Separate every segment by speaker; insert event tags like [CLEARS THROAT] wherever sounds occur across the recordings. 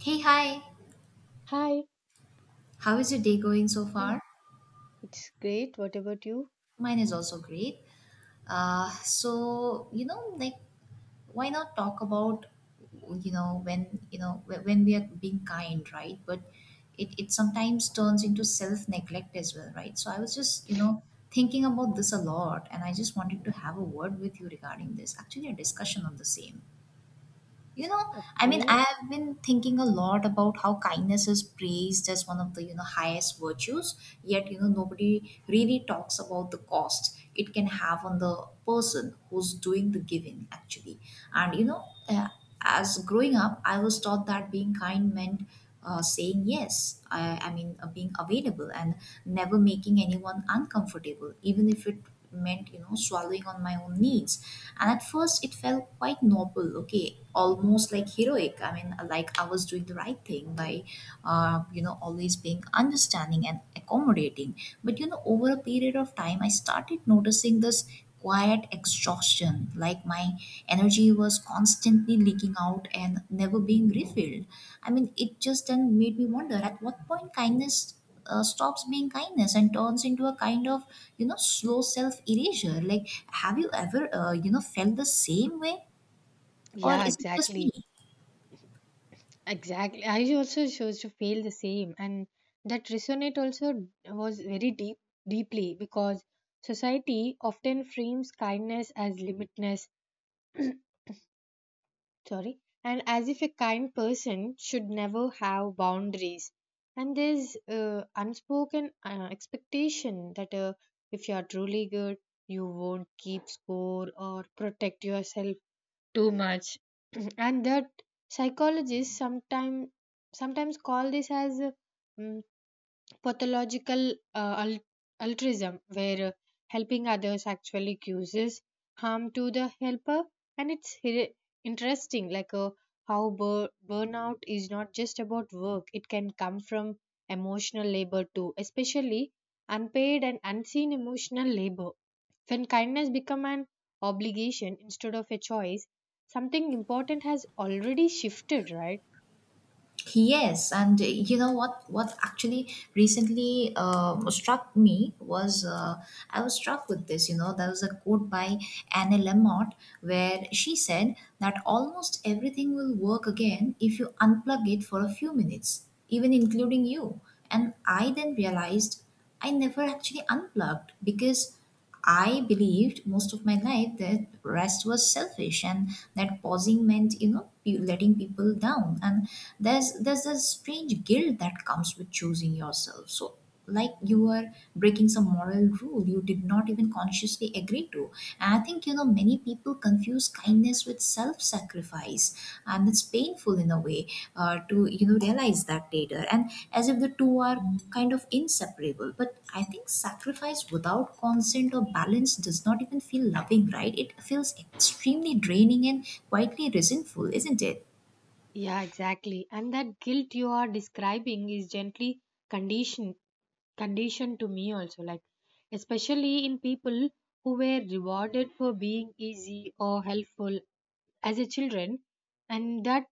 Speaker 1: Hey, hi.
Speaker 2: Hi,
Speaker 1: How is your day going so
Speaker 2: morning.
Speaker 1: far?
Speaker 2: It's great. What about you?
Speaker 1: Mine is also great. Uh,
Speaker 2: Yeah.
Speaker 1: so, you know, like, why not talk about, you know, when, you know, wh- when we are being kind, right? But it sometimes turns into self neglect as well, right? So I was just, thinking about this a lot, and I just wanted to have a word with you regarding this, actually, a discussion on the same. You know, I mean, I
Speaker 2: Okay.
Speaker 1: have been thinking a lot about how kindness is praised as one of the, highest virtues, yet, nobody really talks about the cost it can have on the person who's doing the giving, actually. And, you know, uh, as growing up, I was taught that being kind meant saying yes, I mean, being available and never making anyone uncomfortable, even if it meant swallowing on my own needs. And at first it felt quite noble, okay, almost like heroic. I was doing the right thing by always being understanding and accommodating. But over a period of time I started noticing this quiet exhaustion, like my energy was constantly leaking out and never being refilled. I mean, it just then made me wonder at what point kindness stops being kindness and turns into a kind of, slow self erasure. Like, have you ever, felt the same way? Or
Speaker 2: Yeah,
Speaker 1: is it just me?
Speaker 2: exactly. Exactly. I also chose to feel the same, and that resonate also was very deeply because society often frames kindness as limitness. Sorry, and as if a kind person should never have boundaries. And there's unspoken expectation that if you are truly good, you won't keep score or protect yourself too much. And that psychologists sometimes call this as pathological uh, al- altruism where helping others actually causes harm to the helper. And it's interesting like how burnout is not just about work. It can come from emotional labor too, especially unpaid and unseen emotional labor, when kindness become an obligation instead of a choice, something important has already shifted, right?
Speaker 1: Yes, and what? What actually recently struck me was I was struck with this. You know, there was a quote by Anne Lamott where she said that almost everything will work again if you unplug it for a few minutes, even including you. And I then realized I never actually unplugged because I believed most of my life that rest was selfish and that pausing meant, letting people down. And there's a strange guilt that comes with choosing yourself. So like you were breaking some moral rule you did not even consciously agree to. And I think many people confuse kindness with self-sacrifice, and it's painful in a way, to realize that later, and as if the two are kind of inseparable. But I think sacrifice without consent or balance does not even feel loving, right? It feels extremely draining and quietly resentful, isn't it?
Speaker 2: Yeah, exactly. And that guilt you are describing is gently conditioned conditioned to me also, like especially in people who were rewarded for being easy or helpful as a children. And that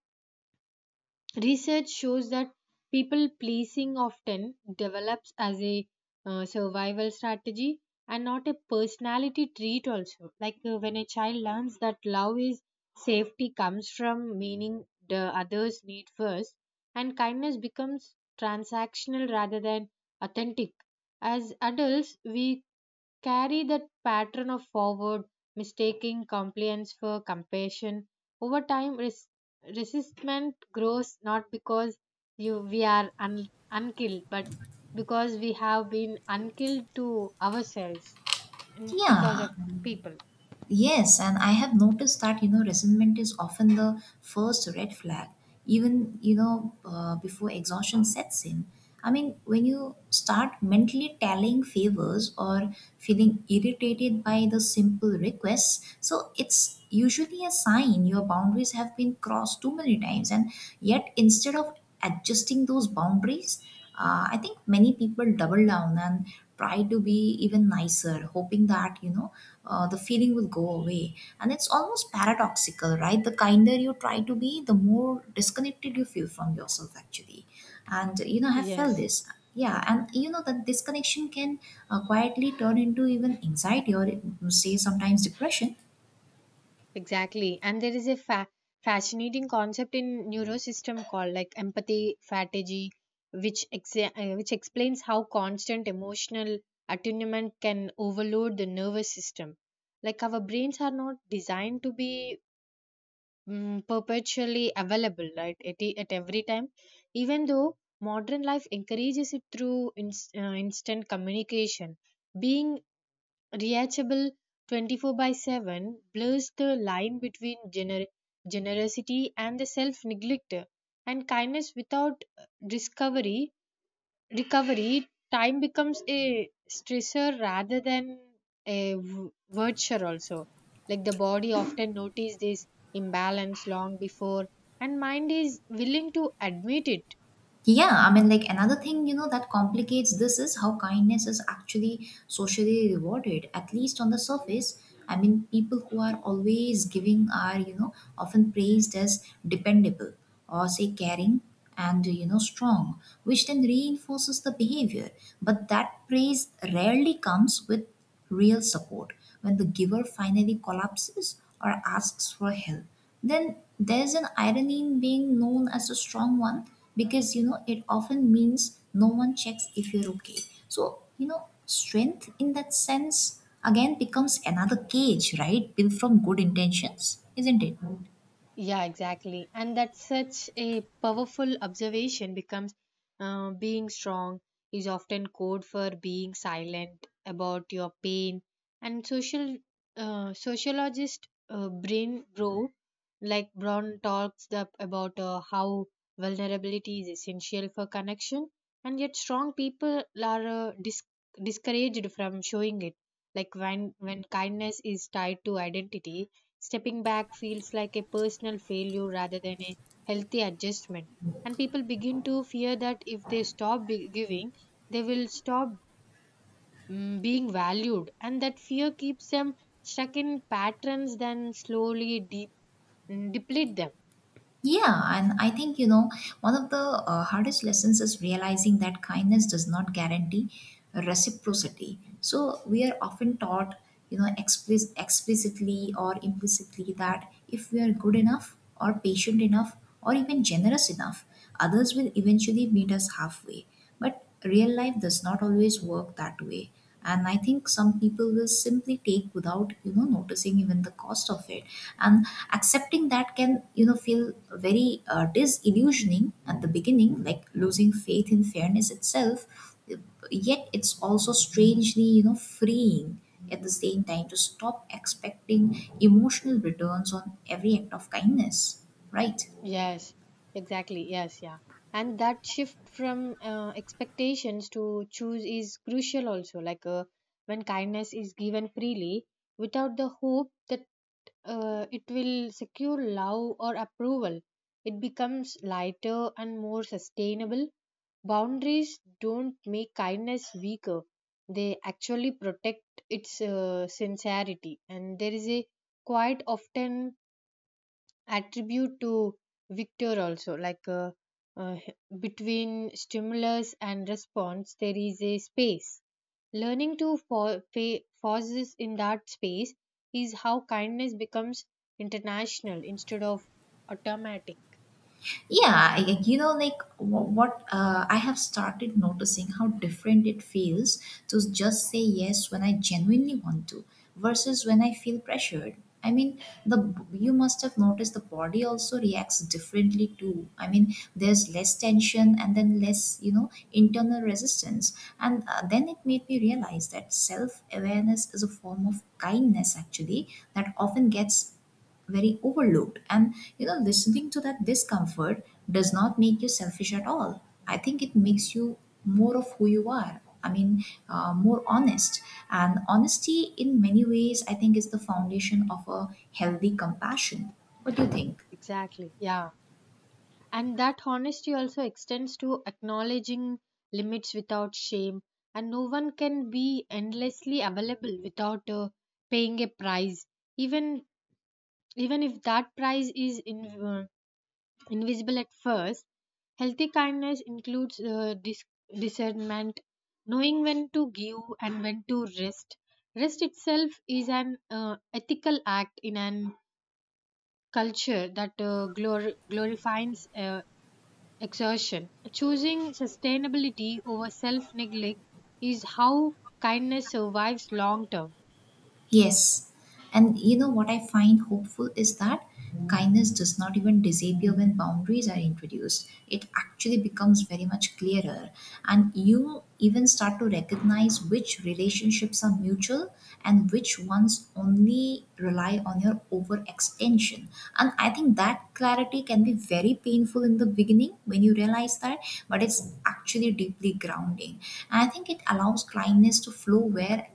Speaker 2: research shows that people pleasing often develops as a survival strategy and not a personality trait, also. Like when a child learns that love is safety, comes from meaning the others need first, and kindness becomes transactional rather than authentic. As adults, we carry that pattern of forward, mistaking compliance for compassion. Over time, resistment grows not because you we are unkilled but because we have been unkilled to ourselves and because
Speaker 1: Yeah.
Speaker 2: of people.
Speaker 1: Yes, and I have noticed that resentment is often the first red flag, even before exhaustion sets in. I mean, when you start mentally tallying favors or feeling irritated by the simple requests, so it's usually a sign your boundaries have been crossed too many times, and yet instead of adjusting those boundaries, I think many people double down and try to be even nicer, hoping that the feeling will go away. And it's almost paradoxical, right? The kinder you try to be, the more disconnected you feel from yourself, actually. And you know, I have felt
Speaker 2: Yes,
Speaker 1: this. Yeah, and you know that disconnection can quietly turn into even anxiety or say sometimes depression.
Speaker 2: exactly. And there is a fascinating concept in neurosystem called like empathy fatigue, which explains how constant emotional attunement can overload the nervous system. Like our brains are not designed to be perpetually available right at every time, even though modern life encourages it through instant communication. Being reachable 24/7 blurs the line between generosity and the self neglect, and kindness without discovery recovery, time becomes a stressor rather than a virtue also. Like the body often notice this imbalance long before and mind is willing to admit it.
Speaker 1: Yeah, I mean, like another thing, you know, that complicates this is how kindness is actually socially rewarded, at least on the surface. I mean, people who are always giving are, you know, often praised as dependable or say caring and, you know, strong, which then reinforces the behavior. But that praise rarely comes with real support. When the giver finally collapses or asks for help, then there's an irony in being known as a strong one, because you know it often means no one checks if you're okay. So, you know, strength in that sense again becomes another cage, right? Built from good intentions, isn't it?
Speaker 2: Yeah, exactly. And that's such a powerful observation becomes being strong is often code for being silent about your pain. And social sociologist Brain Bro, like Brown, talks about how vulnerability is essential for connection, and yet strong people are discouraged from showing it. Like when kindness is tied to identity, stepping back feels like a personal failure rather than a healthy adjustment. And people begin to fear that if they stop giving, they will stop being valued. And that fear keeps them stuck in patterns, then slowly deplete them.
Speaker 1: Yeah, and I think, you know, one of the hardest lessons is realizing that kindness does not guarantee reciprocity. So we are often taught, you know, explicitly or implicitly, that if we are good enough or patient enough or even generous enough, others will eventually meet us halfway. But real life does not always work that way, and I think some people will simply take without noticing even the cost of it. And accepting that can, feel very disillusioning at the beginning, like losing faith in fairness itself. Yet it's also strangely, freeing at the same time, to stop expecting emotional returns on every act of kindness, right?
Speaker 2: Yes, exactly. Yes, yeah. And that shift from expectations to choose is crucial also. Like when kindness is given freely without the hope that it will secure love or approval, it becomes lighter and more sustainable. Boundaries don't make kindness weaker, they actually protect its sincerity. And there is a quite often attribute to Victor also, like uh, between stimulus and response, there is a space. Learning to pauses in that space is how kindness becomes international instead of automatic.
Speaker 1: Yeah, I- you know, like wh- what I have started noticing how different it feels to just say yes when I genuinely want to versus when I feel pressured. I mean, the you must have noticed the body also reacts differently too. I mean, there's less tension and then less, you know, internal resistance. And then it made me realize that self awareness is a form of kindness, actually, that often gets very overlooked. And listening to that discomfort does not make you selfish at all. I think it makes you more of who you are, I mean, more honest. And honesty in many ways, I think, is the foundation of a healthy compassion. What do you think?
Speaker 2: Exactly. Yeah. And that honesty also extends to acknowledging limits without shame. And no one can be endlessly available without paying a price, even even if that price is invisible at first. Healthy kindness includes discernment, knowing when to give and when to rest. Rest itself is an ethical act in an culture that glorifies exertion. Choosing sustainability over self neglect is how kindness survives long term.
Speaker 1: Yes. And you know what I find hopeful is that kindness does not even disappear when boundaries are introduced. It actually becomes very much clearer. And you even start to recognize which relationships are mutual and which ones only rely on your overextension. And I think that clarity can be very painful in the beginning when you realize that, but it's actually deeply grounding. And I think it allows kindness to flow where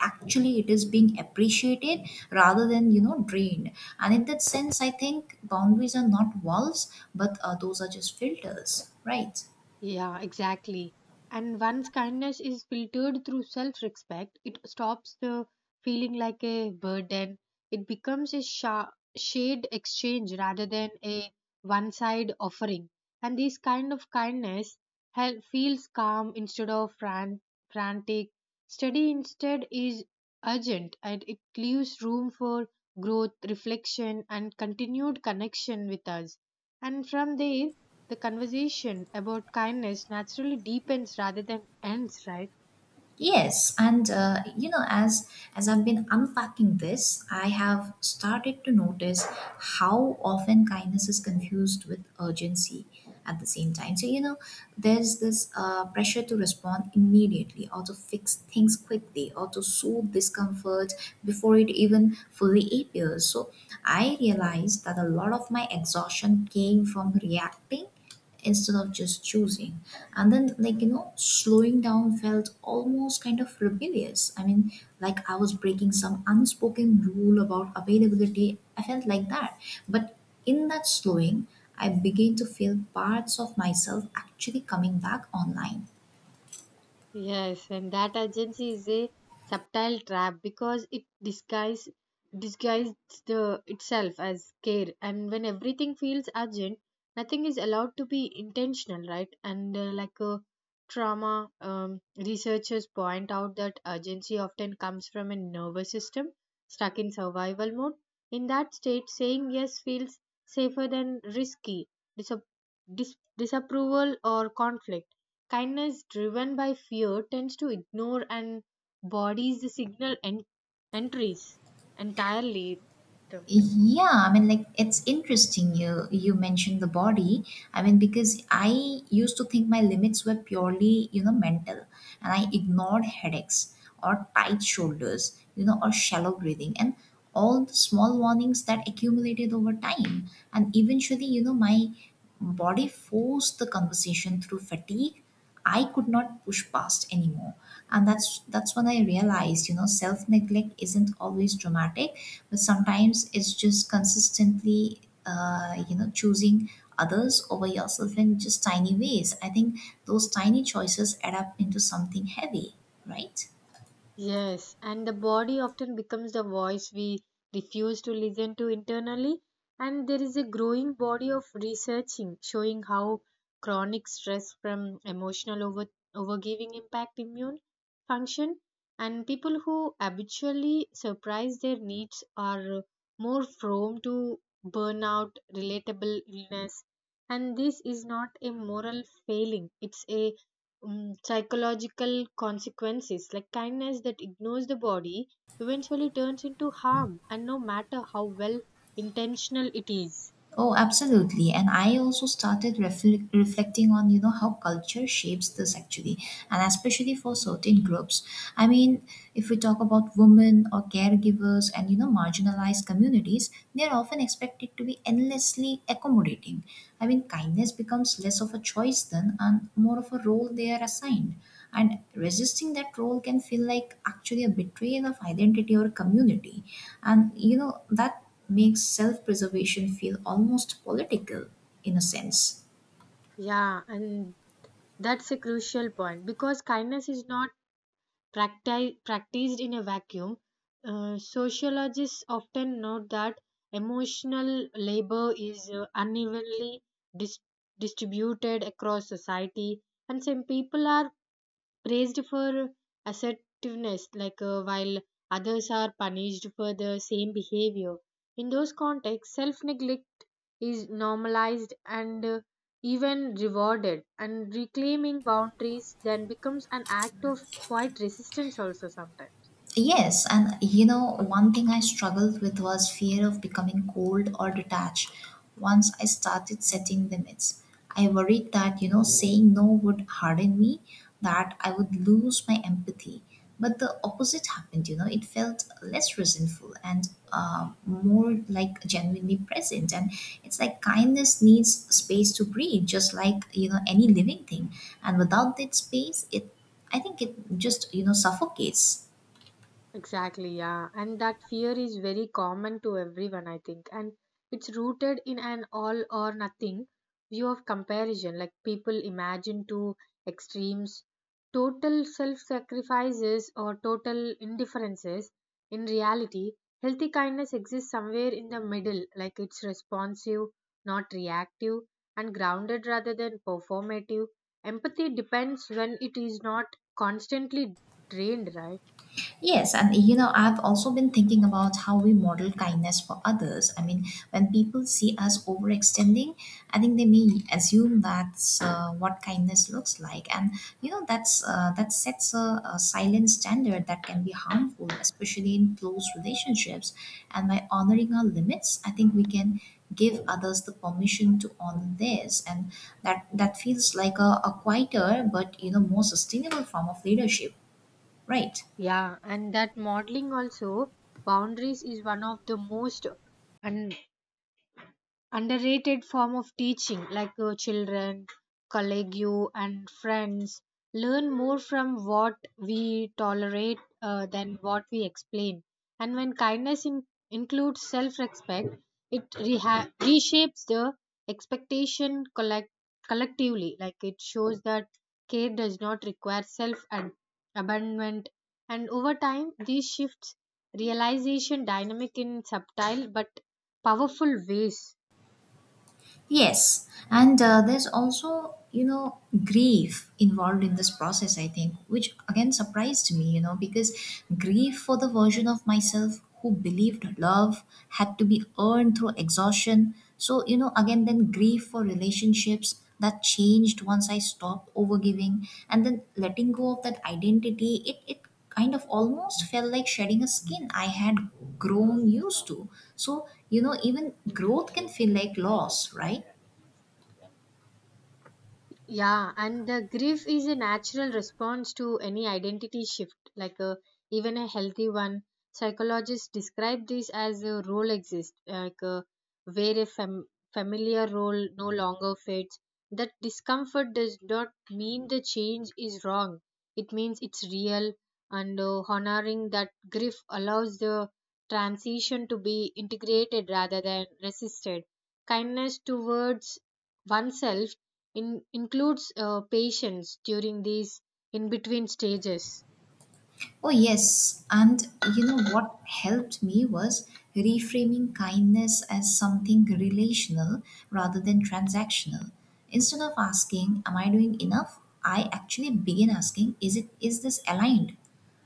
Speaker 1: actually it is being appreciated rather than drained. And in that sense I think boundaries are not walls, but those are just filters, right?
Speaker 2: Yeah, exactly. And once kindness is filtered through self respect, it stops the feeling like a burden. It becomes a shade exchange rather than a one side offering. And this kind of kindness feels calm instead of frantic. Study instead is urgent, and it leaves room for growth, reflection, and continued connection with us. And from there, the conversation about kindness naturally deepens rather than ends, right?
Speaker 1: Yes, and you know, as I've been unpacking this, I have started to notice how often kindness is confused with urgency at the same time. So you know, there's this pressure to respond immediately, or to fix things quickly, or to soothe discomfort before it even fully appears. So I realized that a lot of my exhaustion came from reacting instead of just choosing. And then, like, you know, slowing down felt almost kind of rebellious. I mean, like I was breaking some unspoken rule about availability, I felt like that. But in that slowing, I began to feel parts of myself actually coming back online.
Speaker 2: Yes, and that urgency is a subtle trap because it disguises the itself as care. And when everything feels urgent, nothing is allowed to be intentional, right? And like a trauma, researchers point out that urgency often comes from a nervous system stuck in survival mode. In that state, saying yes feels safer than risky disap- disapproval or conflict. Kindness driven by fear tends to ignore and bodies the signal entries entirely.
Speaker 1: Yeah, I mean, like it's interesting you mentioned the body. I mean, because I used to think my limits were purely, you know, mental, and I ignored headaches or tight shoulders, you know, or shallow breathing, and all the small warnings that accumulated over time. And eventually, you know, my body forced the conversation through fatigue I could not push past anymore. And that's when I realized, you know, self-neglect isn't always dramatic, but sometimes it's just consistently you know, choosing others over yourself in just tiny ways. I think those tiny choices add up into something heavy, right?
Speaker 2: Yes, and the body often becomes the voice we refuse to listen to internally. And there is a growing body of researching showing how chronic stress from emotional overgiving impact immune function. And people who habitually surprise their needs are more prone to burnout, relatable illness. And this is not a moral failing; it's a psychological consequences, like kindness that ignores the body eventually turns into harm, and no matter how well intentional it is.
Speaker 1: Oh, absolutely. And I also started reflecting on, you know, how culture shapes this actually, and especially for certain groups. I mean, if we talk about women or caregivers and, you know, marginalized communities, they're often expected to be endlessly accommodating. I mean, kindness becomes less of a choice then and more of a role they are assigned. And resisting that role can feel like actually a betrayal of identity or community. And, you know, that makes self preservation feel almost political in a sense.
Speaker 2: Yeah, and that's a crucial point because kindness is not practiced in a vacuum. Sociologists often note that emotional labor is unevenly dis- distributed across society, and some people are praised for assertiveness, like while others are punished for the same behavior. In those contexts, self neglect is normalized and even rewarded, and reclaiming boundaries then becomes an act of quite resistance, also sometimes.
Speaker 1: Yes, and you know, one thing I struggled with was fear of becoming cold or detached once I started setting limits. I worried that, you know, saying no would harden me, that I would lose my empathy. But the opposite happened, you know, it felt less resentful and more like genuinely present. And it's like kindness needs space to breathe, just like, you know, any living thing. And without that space, I think it just, you know, suffocates.
Speaker 2: Exactly, yeah. And that fear is very common to everyone, I think. And it's rooted in an all or nothing view of comparison. Like people imagine two extremes, total self sacrifices or total indifferences. In reality, healthy kindness exists somewhere in the middle, like it's responsive, not reactive, and grounded rather than performative. Empathy depends when it is not constantly drained, right?
Speaker 1: Yes, and you know, I've also been thinking about how we model kindness for others. I mean, when people see us overextending, I think they may assume that's what kindness looks like, and you know, that's that sets a silent standard that can be harmful, especially in close relationships. And by honoring our limits, I think we can give others the permission to honor theirs, and that feels like a quieter but you know more sustainable form of leadership, right?
Speaker 2: Yeah, and that modeling also boundaries is one of the most un- underrated form of teaching, like children, colleague, and friends learn more from what we tolerate than what we explain. And when kindness includes self-respect, it reshapes the expectation collectively. Like it shows that care does not require self and abandonment, and over time these shifts realization dynamic in subtle but powerful ways.
Speaker 1: Yes, and there's also, you know, grief involved in this process, I think, which again surprised me, you know, because grief for the version of myself who believed love had to be earned through exhaustion. So, you know, again, then grief for relationships that changed once I stopped overgiving and then letting go of that identity. It kind of almost felt like shedding a skin I had grown used to. So, you know, even growth can feel like loss, right?
Speaker 2: Yeah, and the grief is a natural response to any identity shift, even a healthy one. Psychologists describe this as a role exist, where a familiar role no longer fits. That discomfort does not mean the change is wrong. It means it's real, and honoring that grief allows the transition to be integrated rather than resisted. Kindness towards oneself includes patience during these in between stages.
Speaker 1: Oh, yes. And, you know, what helped me was reframing kindness as something relational rather than transactional. Instead of asking, am I doing enough? I actually begin asking, is this aligned?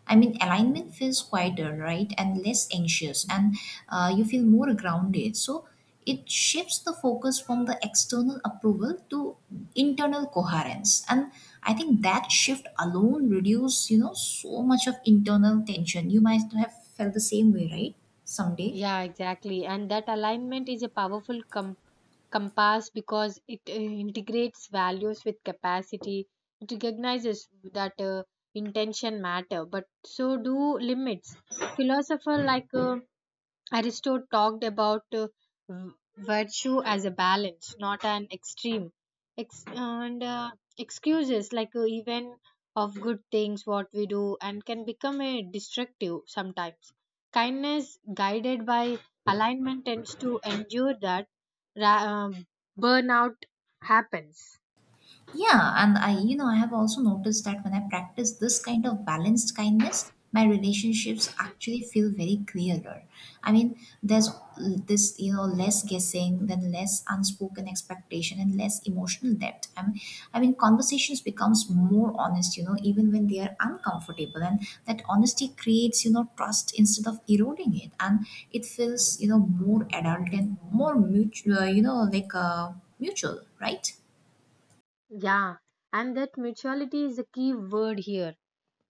Speaker 1: I mean, alignment feels quieter, right? And less anxious, and you feel more grounded. So, it shifts the focus from the external approval to internal coherence, and I think that shift alone reduces, you know, so much of internal tension you might have felt. The same way, right? Someday.
Speaker 2: Yeah, exactly. And that alignment is a powerful compass because it integrates values with capacity. It recognizes that intention matter, but so do limits. Philosopher like Aristo talked about v- virtue as a balance, not an extreme. And excuses, like even of good things, what we do, and can become a destructive sometimes. Kindness, guided by alignment, tends to endure that ra- um, burnout happens.
Speaker 1: Yeah, and I, you know, I have also noticed that when I practice this kind of balanced kindness, my relationships actually feel very clearer. I mean, there's this, you know, less guessing, then less unspoken expectation, and less emotional depth. I mean, conversations becomes more honest, you know, even when they are uncomfortable, and that honesty creates, you know, trust instead of eroding it, and it feels, you know, more adult and more mutual, you know, mutual, right?
Speaker 2: Yeah, and that mutuality is a key word here,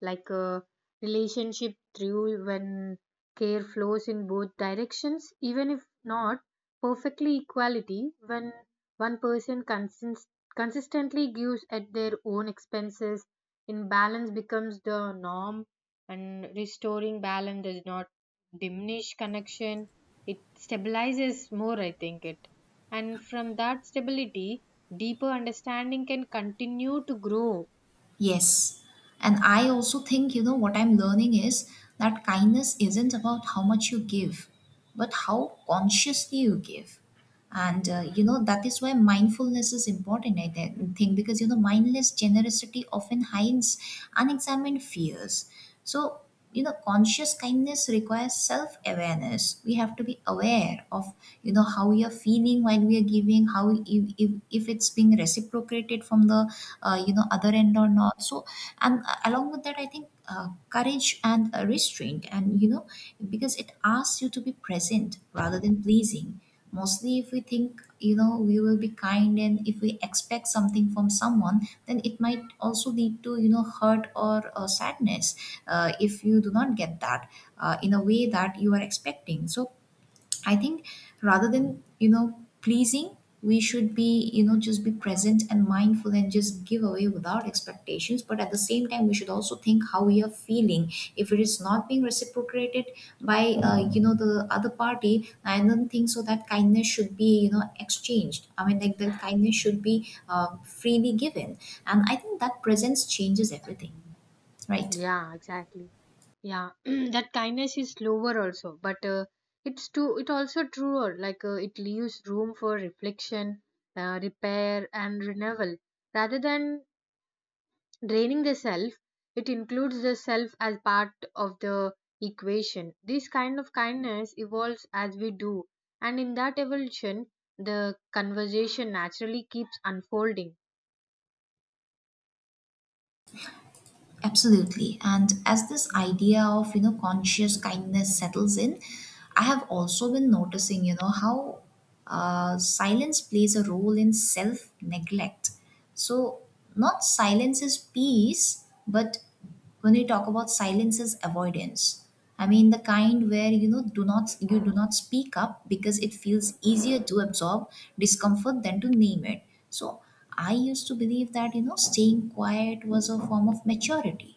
Speaker 2: like a relationship through when care flows in both directions, even if not perfectly equality. When one person consistently gives at their own expenses, imbalance becomes the norm, and restoring balance does not diminish connection. It stabilizes more, I think it, and from that stability deeper understanding can continue to grow.
Speaker 1: Yes. And I also think, you know, what I'm learning is that kindness isn't about how much you give, but how consciously you give. And you know, that is why mindfulness is important, I think, because, you know, mindless generosity often hides unexamined fears. So, you know, conscious kindness requires self awareness. We have to be aware of, you know, how we are feeling while we are giving, how if it's being reciprocated from the, you know, other end or not. So, and along with that, I think courage and restraint, and, you know, because it asks you to be present rather than pleasing. Mostly, if we think, you know, we will be kind, and if we expect something from someone, then it might also lead to, you know, hurt or sadness, if you do not get that in a way that you are expecting. So, I think rather than, you know, pleasing, we should be, you know, just be present and mindful and just give away without expectations. But at the same time, we should also think how we are feeling. If it is not being reciprocated by, you know, the other party, I don't think so that kindness should be, you know, exchanged. I mean, like that kindness should be freely given. And I think that presence changes everything, right?
Speaker 2: Yeah, exactly. Yeah, [CLEARS THROAT] that kindness is slower also, but it's too. It also truer. Like it leaves room for reflection, repair, and renewal. Rather than draining the self, it includes the self as part of the equation. This kind of kindness evolves as we do, and in that evolution, the conversation naturally keeps unfolding.
Speaker 1: Absolutely. And as this idea of, you know, conscious kindness settles in, I have also been noticing, you know, how silence plays a role in self neglect. So, not silence is peace, but when we talk about silence is avoidance. I mean the kind where, you know, do not you do not speak up because it feels easier to absorb discomfort than to name it. So, I used to believe that, you know, staying quiet was a form of maturity.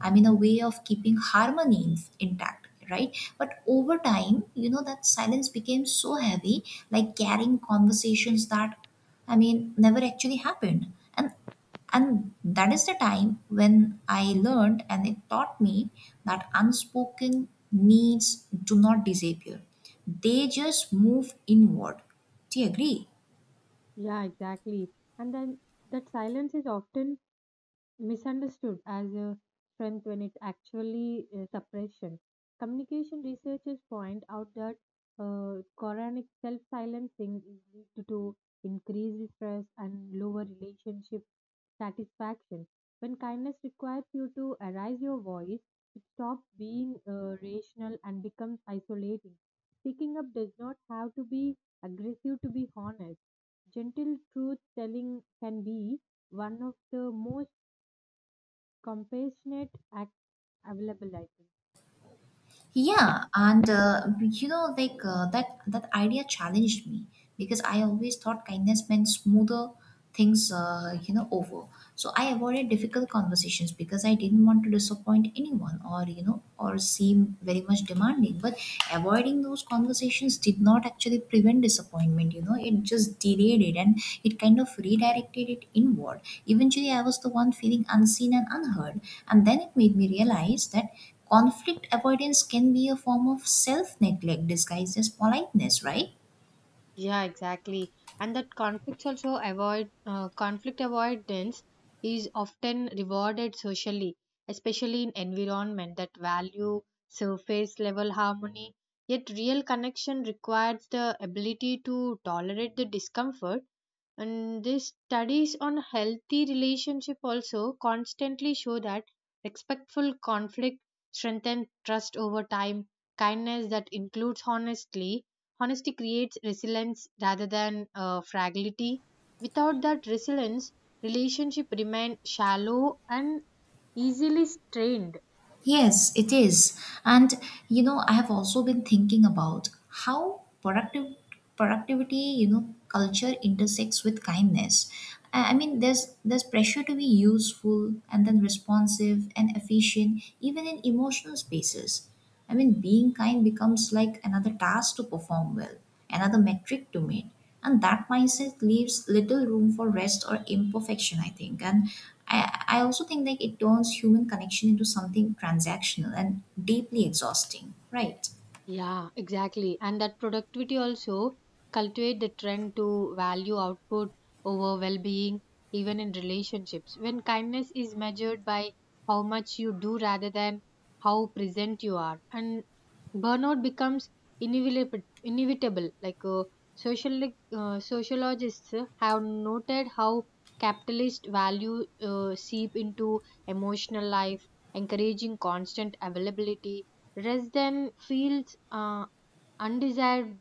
Speaker 1: I mean, a way of keeping harmony intact, right? But over time, you know, that silence became so heavy, like carrying conversations that, I mean, never actually happened. And that is the time when I learned, and it taught me that unspoken needs do not disappear, they just move inward. Do you agree?
Speaker 2: Yeah, exactly. And then that silence is often misunderstood as a strength when it's actually suppression. Communication researchers point out that chronic self silencing is linked to increased stress and lower relationship satisfaction. When kindness requires you to arise your voice, it stops being rational and becomes isolating. Speaking up does not have to be aggressive to be honest. Gentle truth telling can be one of the most compassionate act available, I think.
Speaker 1: Yeah, and you know, that idea challenged me because I always thought kindness meant smoother things, you know, over. So I avoided difficult conversations because I didn't want to disappoint anyone, or, you know, or seem very much demanding. But avoiding those conversations did not actually prevent disappointment. You know, it just delayed it, and it kind of redirected it inward. Eventually, I was the one feeling unseen and unheard, and then it made me realize that conflict avoidance can be a form of self neglect disguised as politeness, right?
Speaker 2: Yeah, exactly. And that conflict avoidance is often rewarded socially, especially in environment that value surface level harmony. Yet real connection requires the ability to tolerate the discomfort. And these studies on healthy relationship also constantly show that respectful conflict strengthens trust over time, kindness that includes honestly Honesty creates resilience rather than fragility. Without that resilience, relationship remain shallow and easily strained.
Speaker 1: Yes, it is. And, you know, I have also been thinking about how productive productivity, you know, culture intersects with kindness. I mean, there's pressure to be useful and then responsive and efficient, even in emotional spaces. I mean, being kind becomes like another task to perform well, another metric to meet. And that mindset leaves little room for rest or imperfection, I think. And I also think, like it turns human connection into something transactional and deeply exhausting, right?
Speaker 2: Yeah, exactly. And that productivity also cultivate the trend to value output over well-being, even in relationships. When kindness is measured by how much you do rather than how present you are, and burnout becomes inevitable, like social sociologists have noted how capitalist value seep into emotional life encouraging constant availability. Rest then feels undesired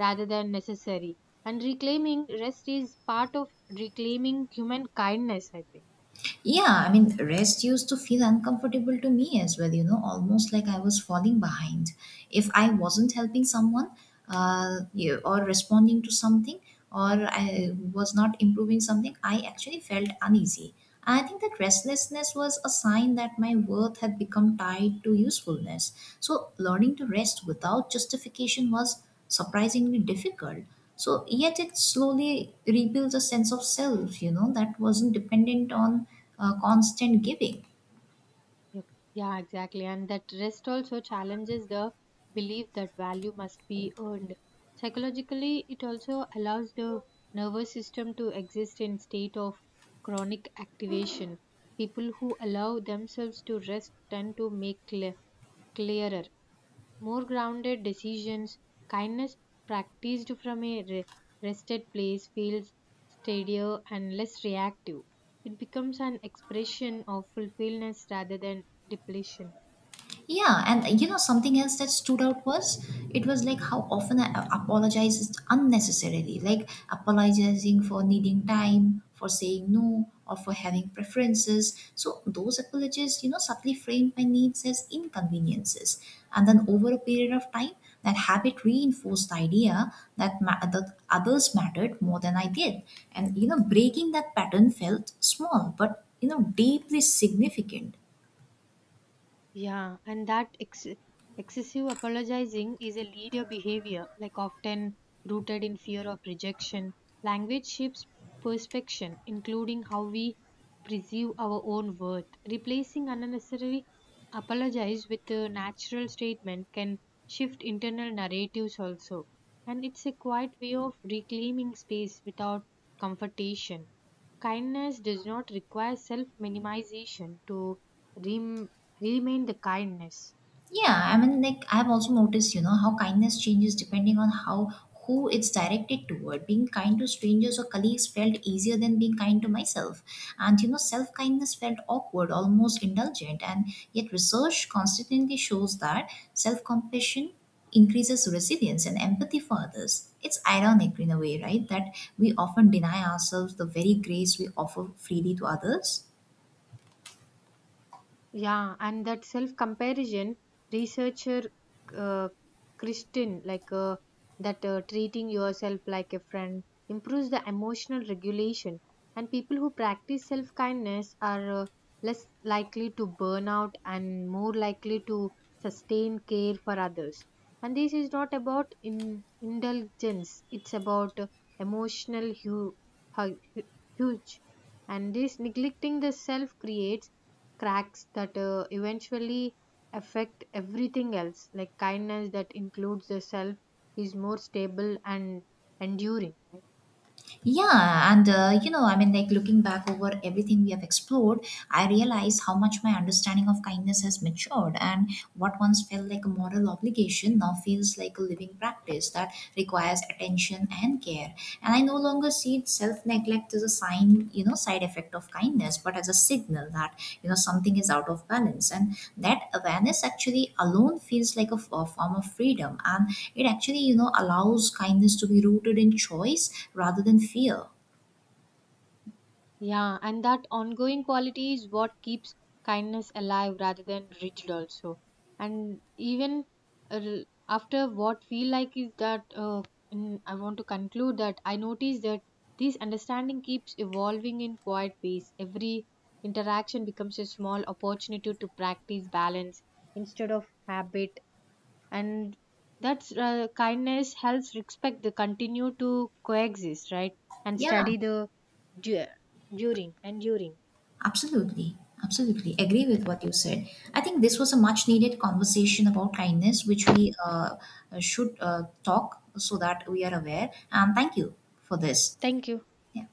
Speaker 2: rather than necessary, and reclaiming rest is part of reclaiming human kindness, I think.
Speaker 1: Yeah, I mean, rest used to feel uncomfortable to me as well, you know, almost like I was falling behind. If I wasn't helping someone or responding to something, or I was not improving something, I actually felt uneasy. I think that restlessness was a sign that my worth had become tied to usefulness. So, learning to rest without justification was surprisingly difficult. So, yet it slowly rebuilds a sense of self, you know, that wasn't dependent on constant giving.
Speaker 2: Yep. Yeah, exactly. And that rest also challenges the belief that value must be earned. Psychologically, it also allows the nervous system to exist in state of chronic activation. People who allow themselves to rest tend to make clearer, more grounded decisions. Kindness practiced from a rested place feels steadier and less reactive. It becomes an expression of fulfillment rather than depletion.
Speaker 1: Yeah, and, you know, something else that stood out was it was like how often I apologize unnecessarily, like apologizing for needing time, for saying no, or for having preferences. So those apologies, you know, subtly framed my needs as inconveniences, and then over a period of time, that habit reinforced the idea that that others mattered more than I did, and, you know, breaking that pattern felt small, but, you know, deeply significant.
Speaker 2: Yeah, and that excessive apologizing is a leader behavior, like often rooted in fear of rejection. Language shapes perception, including how we perceive our own worth. Replacing unnecessary apologize with a natural statement can shift internal narratives also. And it's a quiet way of reclaiming space without confrontation. Kindness does not require self minimization to rem- remain the kindness.
Speaker 1: Yeah, I mean, like I've also noticed, you know, how kindness changes depending on how who it's directed toward. Being kind to strangers or colleagues felt easier than being kind to myself, and, you know, self kindness felt awkward, almost indulgent. And yet, research constantly shows that self compassion increases resilience and empathy for others. It's ironic in a way, right, that we often deny ourselves the very grace we offer freely to others.
Speaker 2: Yeah, and that self comparison, researcher uh, Kristin, like that treating yourself like a friend improves the emotional regulation. And people who practice self kindness are less likely to burn out and more likely to sustain care for others. And this is not about indulgence, it's about emotional hu- hu- huge. And this neglecting the self creates cracks that eventually affect everything else, like kindness that includes the self is more stable and enduring, right?
Speaker 1: Yeah, and you know, I mean, like looking back over everything we have explored, I realize how much my understanding of kindness has matured, and what once felt like a moral obligation now feels like a living practice that requires attention and care. And I no longer see self-neglect is a sign, you know, side effect of kindness, but as a signal that, you know, something is out of balance. And that awareness actually alone feels like a form of freedom, and it actually, you know, allows kindness to be rooted in choice rather than fear.
Speaker 2: Yeah, and that ongoing quality is what keeps kindness alive rather than rigid also. And even uh, after what feel like is that I want to conclude that I notice that this understanding keeps evolving in quiet ways. Every interaction becomes a small opportunity to practice balance instead of habit, and that's kindness helps respect the continue to coexist, right? And
Speaker 1: Yeah,
Speaker 2: study the du- during and during
Speaker 1: absolutely. Absolutely agree with what you said. I think this was a much needed conversation about kindness, which we should talk, so that we are aware. And thank you for this.
Speaker 2: thank you.
Speaker 1: Yeah.